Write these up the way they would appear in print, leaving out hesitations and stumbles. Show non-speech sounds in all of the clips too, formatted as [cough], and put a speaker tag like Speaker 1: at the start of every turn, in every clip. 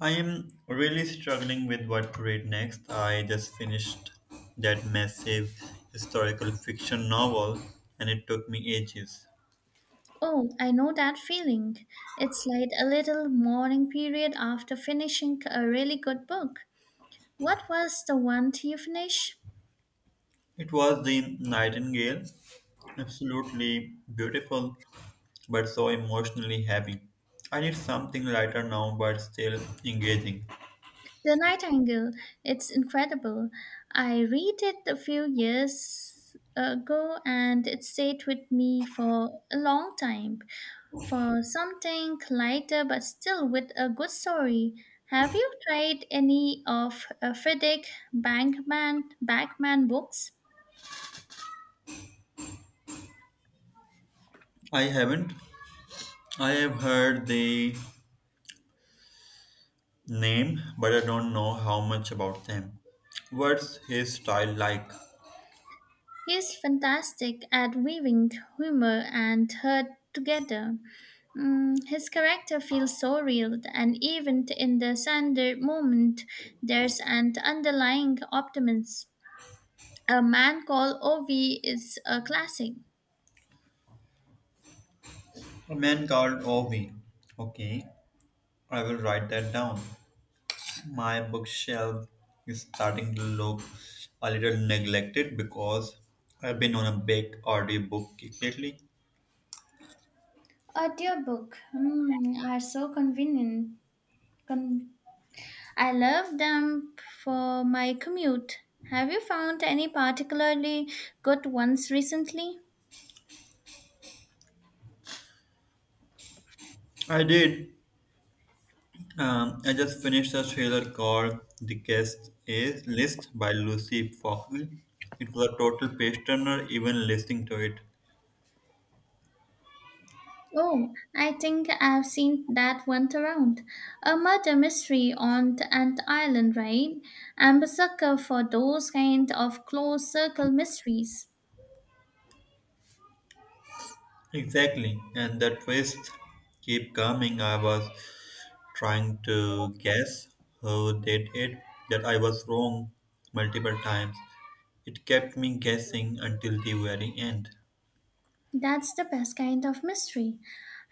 Speaker 1: I am really struggling with what to read next. I just finished that massive historical fiction novel and it took me ages.
Speaker 2: Oh, I know that feeling. It's like a little mourning period after finishing a really good book. What was the one you finished?
Speaker 1: It was The Nightingale, absolutely beautiful but so emotionally heavy. I need something lighter now but still engaging.
Speaker 2: The Nightingale. It's incredible. I read it a few years ago and it stayed with me for a long time. For something lighter but still with a good story. Have you tried any of Friedrich Backman books?
Speaker 1: I haven't. I have heard the name but I don't know how much about them. What's his style like?
Speaker 2: He's fantastic at weaving humor and hurt together. His character feels so real, and even in the Sander moment, there's an underlying optimism. A Man Called Ovi is a classic.
Speaker 1: A man called Ovi. Okay. I will write that down. My bookshelf is starting to look a little neglected because I've been on a big audiobook kick lately.
Speaker 2: Audiobook are so convenient. Con- I love them for my commute. Have you found any particularly good ones recently?
Speaker 1: I did. I just finished a thriller called The Guest Is List by Lucy Foxley. It was a total page turner, even listening to it.
Speaker 2: Oh, I think I've seen that one around. A murder mystery on the Ant Island, right? I'm a sucker for those kind of closed circle mysteries.
Speaker 1: Exactly, and that twist keep coming. I was trying to guess who did it, that I was wrong multiple times. It kept me guessing until the very end.
Speaker 2: That's the best kind of mystery.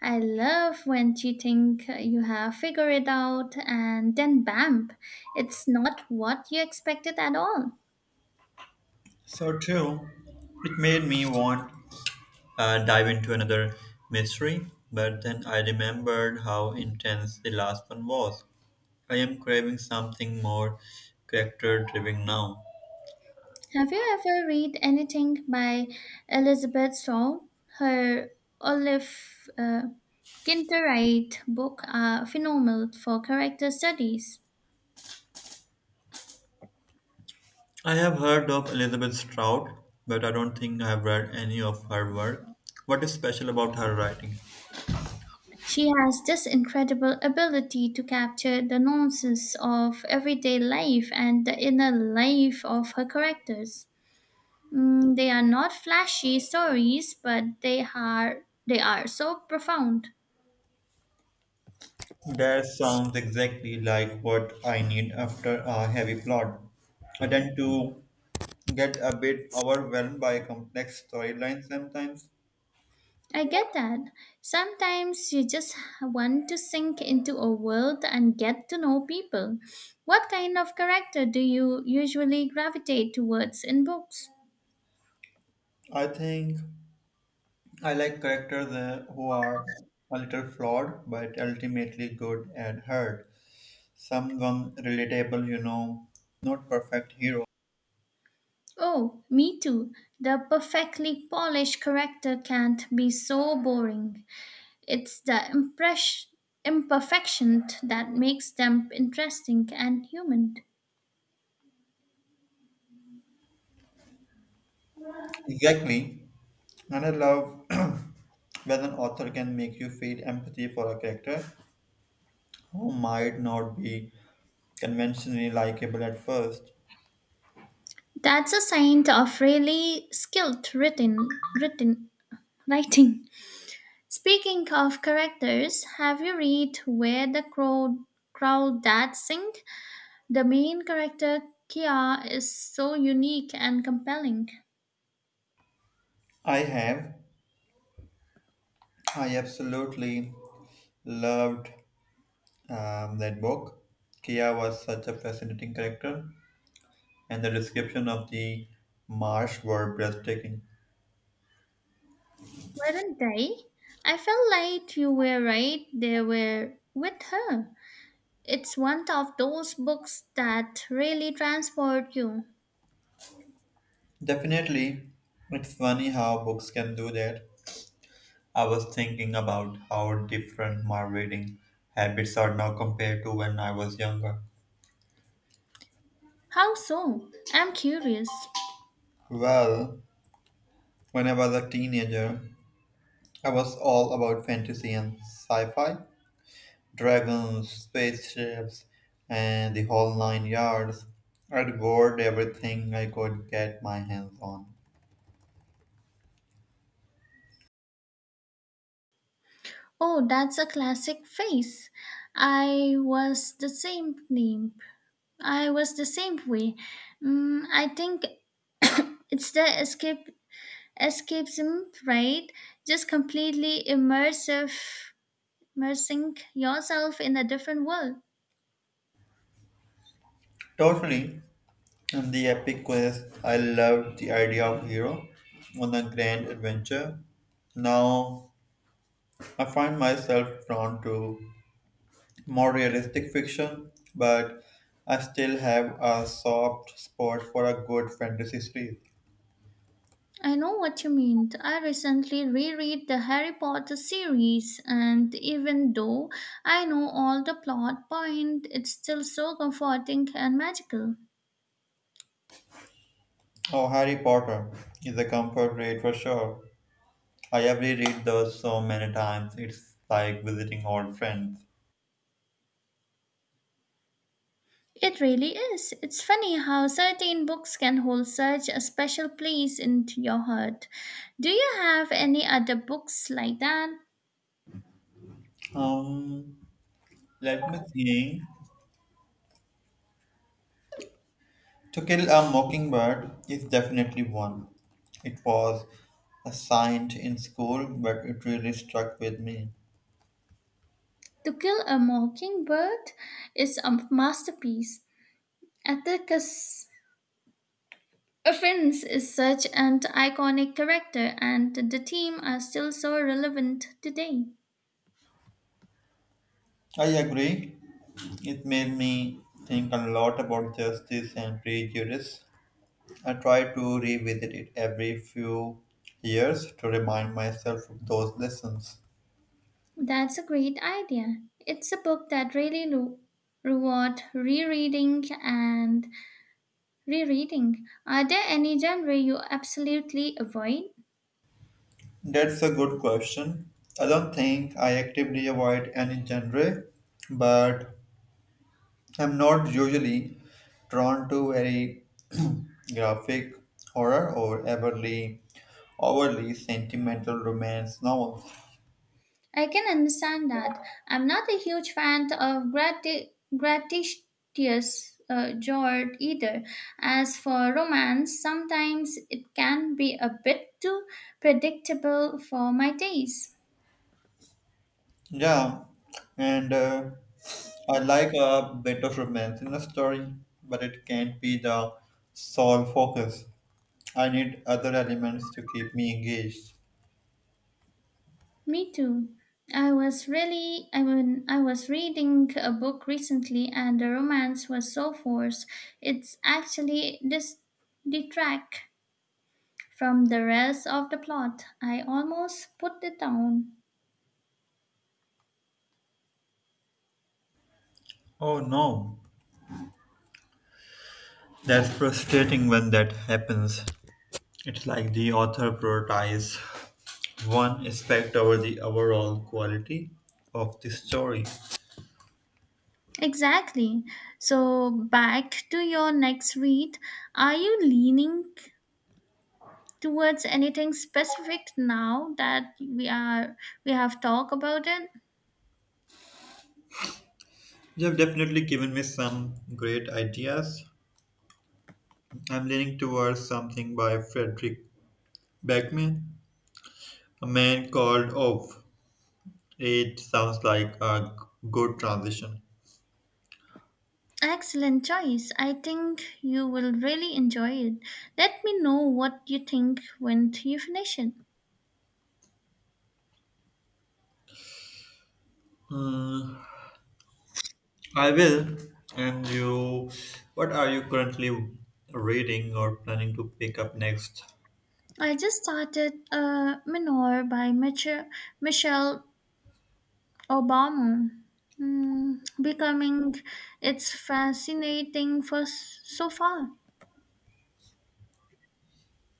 Speaker 2: I love when you think you have figured it out and then bam, it's not what you expected at all.
Speaker 1: So true. It made me want dive into another mystery, but then I remembered how intense the last one was. I am craving something more character driven now.
Speaker 2: Have you ever read anything by Elizabeth Shaw? Her Olive. Kinterite books are phenomenal for character studies.
Speaker 1: I have heard of Elizabeth Stroud, but I don't think I have read any of her work. What is special about her writing?
Speaker 2: She has this incredible ability to capture the nonsense of everyday life and the inner life of her characters. They are not flashy stories, but they are so profound.
Speaker 1: That sounds exactly like what I need after a heavy plot. I tend to get a bit overwhelmed by complex storylines sometimes.
Speaker 2: I get that. Sometimes you just want to sink into a world and get to know people. What kind of character do you usually gravitate towards in books?
Speaker 1: I think I like characters who are a little flawed but ultimately good and hurt. Someone relatable, you know, not perfect hero.
Speaker 2: Oh, me too. The perfectly polished character can't be so boring. It's the imperfection that makes them interesting and human.
Speaker 1: Exactly. And I love [clears throat] when an author can make you feel empathy for a character who might not be conventionally likable at first.
Speaker 2: That's a sign of really skilled written, written writing. Speaking of characters, have you read Where the Crow That Sing? The main character, Kia, is so unique and compelling.
Speaker 1: I have, I absolutely loved that book. Kia was such a fascinating character, and the description of the marsh were breathtaking.
Speaker 2: Weren't they? I felt like you were right They were with her. It's one of those books that really transport you.
Speaker 1: Definitely, it's funny how books can do that. I was thinking about how different my reading habits are now compared to when I was younger.
Speaker 2: How so? I'm curious.
Speaker 1: Well, when I was a teenager, I was all about fantasy and sci fi dragons, spaceships, and the whole nine yards. I devoured everything I could get my hands on.
Speaker 2: Oh, that's a classic phrase. I was the same name. I was the same way. I think [coughs] it's the escape escapism, right? Just immersing yourself in a different world.
Speaker 1: Totally, in the epic quest, I loved the idea of hero on a grand adventure. Now I find myself drawn to more realistic fiction, but I still have a soft spot for a good fantasy series.
Speaker 2: I know what you mean. I recently reread the Harry Potter series, and even though I know all the plot point, it's still so comforting and magical.
Speaker 1: Oh, Harry Potter is a comfort read for sure. I have reread those so many times. It's like visiting old friends.
Speaker 2: It really is. It's funny how certain books can hold such a special place in your heart. Do you have any other books like that?
Speaker 1: Um, Let me think. To Kill a Mockingbird is definitely one. It was assigned in school, but it really struck with me.
Speaker 2: To Kill a Mockingbird is a masterpiece. Atticus Offense is such an iconic character, and the team are still so relevant today.
Speaker 1: I agree. It made me think a lot about justice and prejudice. I try to revisit it every few years to remind myself of those lessons.
Speaker 2: That's a great idea. It's a book that really lo- reward rereading and rereading. Are there any genre you absolutely avoid?
Speaker 1: That's a good question. I don't think I actively avoid any genre, but I'm not usually drawn to very [clears throat] graphic horror or overly sentimental romance novels.
Speaker 2: I can understand that. I'm not a huge fan of gratuitous genre either. As for romance, sometimes it can be a bit too predictable for my taste.
Speaker 1: Yeah, and I like a bit of romance in a story, but it can't be the sole focus. I need other elements to keep me engaged.
Speaker 2: Me too. I was really I mean I was reading a book recently and the romance was so forced. It's actually detract from the rest of the plot. I almost put it down.
Speaker 1: Oh no, that's frustrating when that happens. It's like the author prioritizes one aspect over the overall quality of the story.
Speaker 2: Exactly. So, back to your next read. Are you leaning towards anything specific now that we have talked about it?
Speaker 1: You have definitely given me some great ideas. I'm leaning towards something by Frederick Beckman. A man called off. It sounds like a g- good transition.
Speaker 2: Excellent choice. I think you will really enjoy it. Let me know what you think when you finish it.
Speaker 1: Hmm, I will. And you, what are you currently reading or planning to pick up next?
Speaker 2: I just started Minor by Michelle Obama. Hmm, becoming it's fascinating for so far.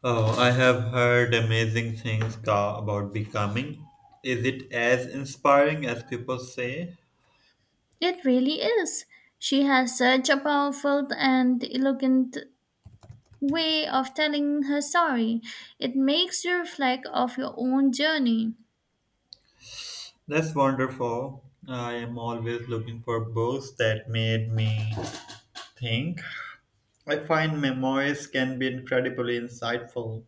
Speaker 1: Oh, I have heard amazing things about becoming. Is it as inspiring as people say?
Speaker 2: It really is. She has such a powerful and elegant way of telling her story. It makes you reflect of your own journey.
Speaker 1: That's wonderful. I am always looking for books that made me think. I find memoirs can be incredibly insightful.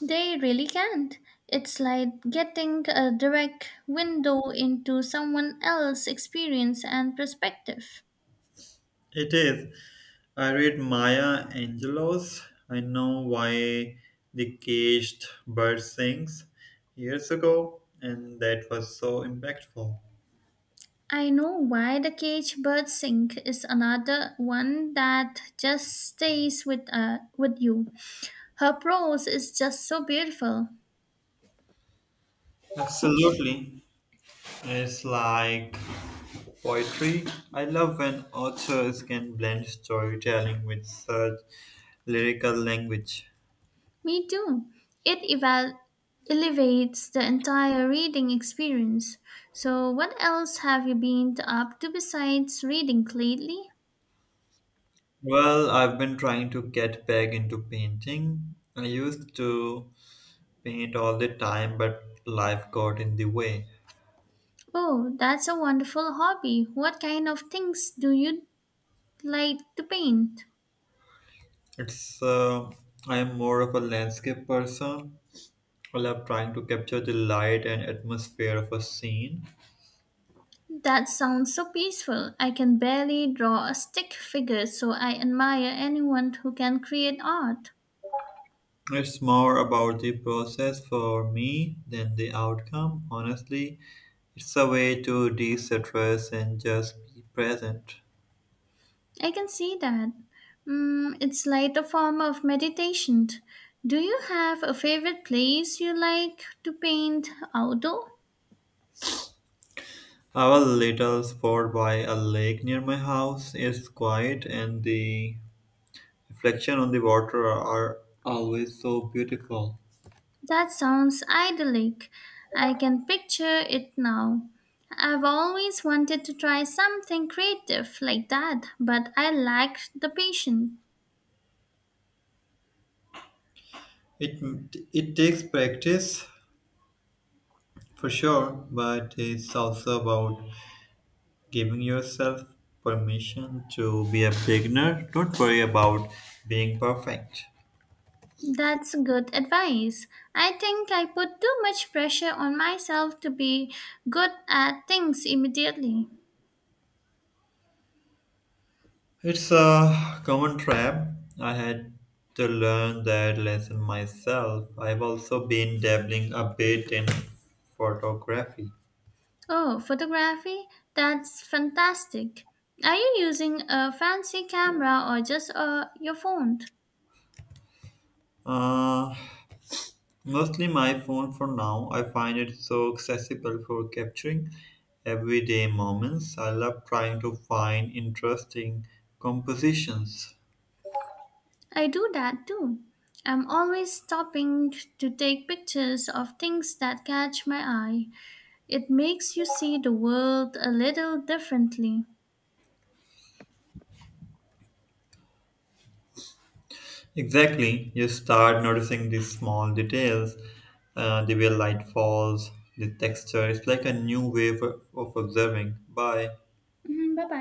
Speaker 2: They really can't. It's like getting a direct window into someone else's experience and perspective.
Speaker 1: It is. I read Maya Angelou's I Know Why the Caged Bird Sings years ago, and that was so impactful.
Speaker 2: I know why the cage bird sing is another one that just stays with you. Her prose is just so beautiful.
Speaker 1: Absolutely. It's like poetry. I love when authors can blend storytelling with such lyrical language.
Speaker 2: Me too. It elevates the entire reading experience. So, what else have you been up to besides reading lately?
Speaker 1: Well, I've been trying to get back into painting. I used to paint all the time, but life got in the way.
Speaker 2: Oh, that's a wonderful hobby. What kind of things do you like to paint?
Speaker 1: It's I am more of a landscape person. I love trying to capture the light and atmosphere of a scene.
Speaker 2: That sounds so peaceful. I can barely draw a stick figure, so I admire anyone who can create art.
Speaker 1: It's more about the process for me than the outcome. Honestly, it's a way to de-stress and just be present.
Speaker 2: I can see that. It's like a form of meditation. Do you have a favorite place you like to paint outdoor?
Speaker 1: Our little spot by a lake near my house is quiet, and the reflection on the water are always so beautiful.
Speaker 2: That sounds idyllic. I can picture it now. I've always wanted to try something creative like that, but I lack the patience.
Speaker 1: It it takes practice, for sure, but it's also about giving yourself permission to be a beginner. Don't worry about being perfect.
Speaker 2: That's good advice. I think I put too much pressure on myself to be good at things immediately.
Speaker 1: It's a common trap. I had to learn that lesson myself. I've also been dabbling a bit in photography.
Speaker 2: Oh, photography? That's fantastic. Are you using a fancy camera or just your phone?
Speaker 1: Uh, Mostly my phone for now. I find it so accessible for capturing everyday moments. I love trying to find interesting compositions.
Speaker 2: I do that too. I'm always stopping to take pictures of things that catch my eye. It makes you see the world a little differently.
Speaker 1: Exactly, you start noticing these small details, the way light falls, the texture. It's like a new way of observing. Bye.
Speaker 2: Bye bye.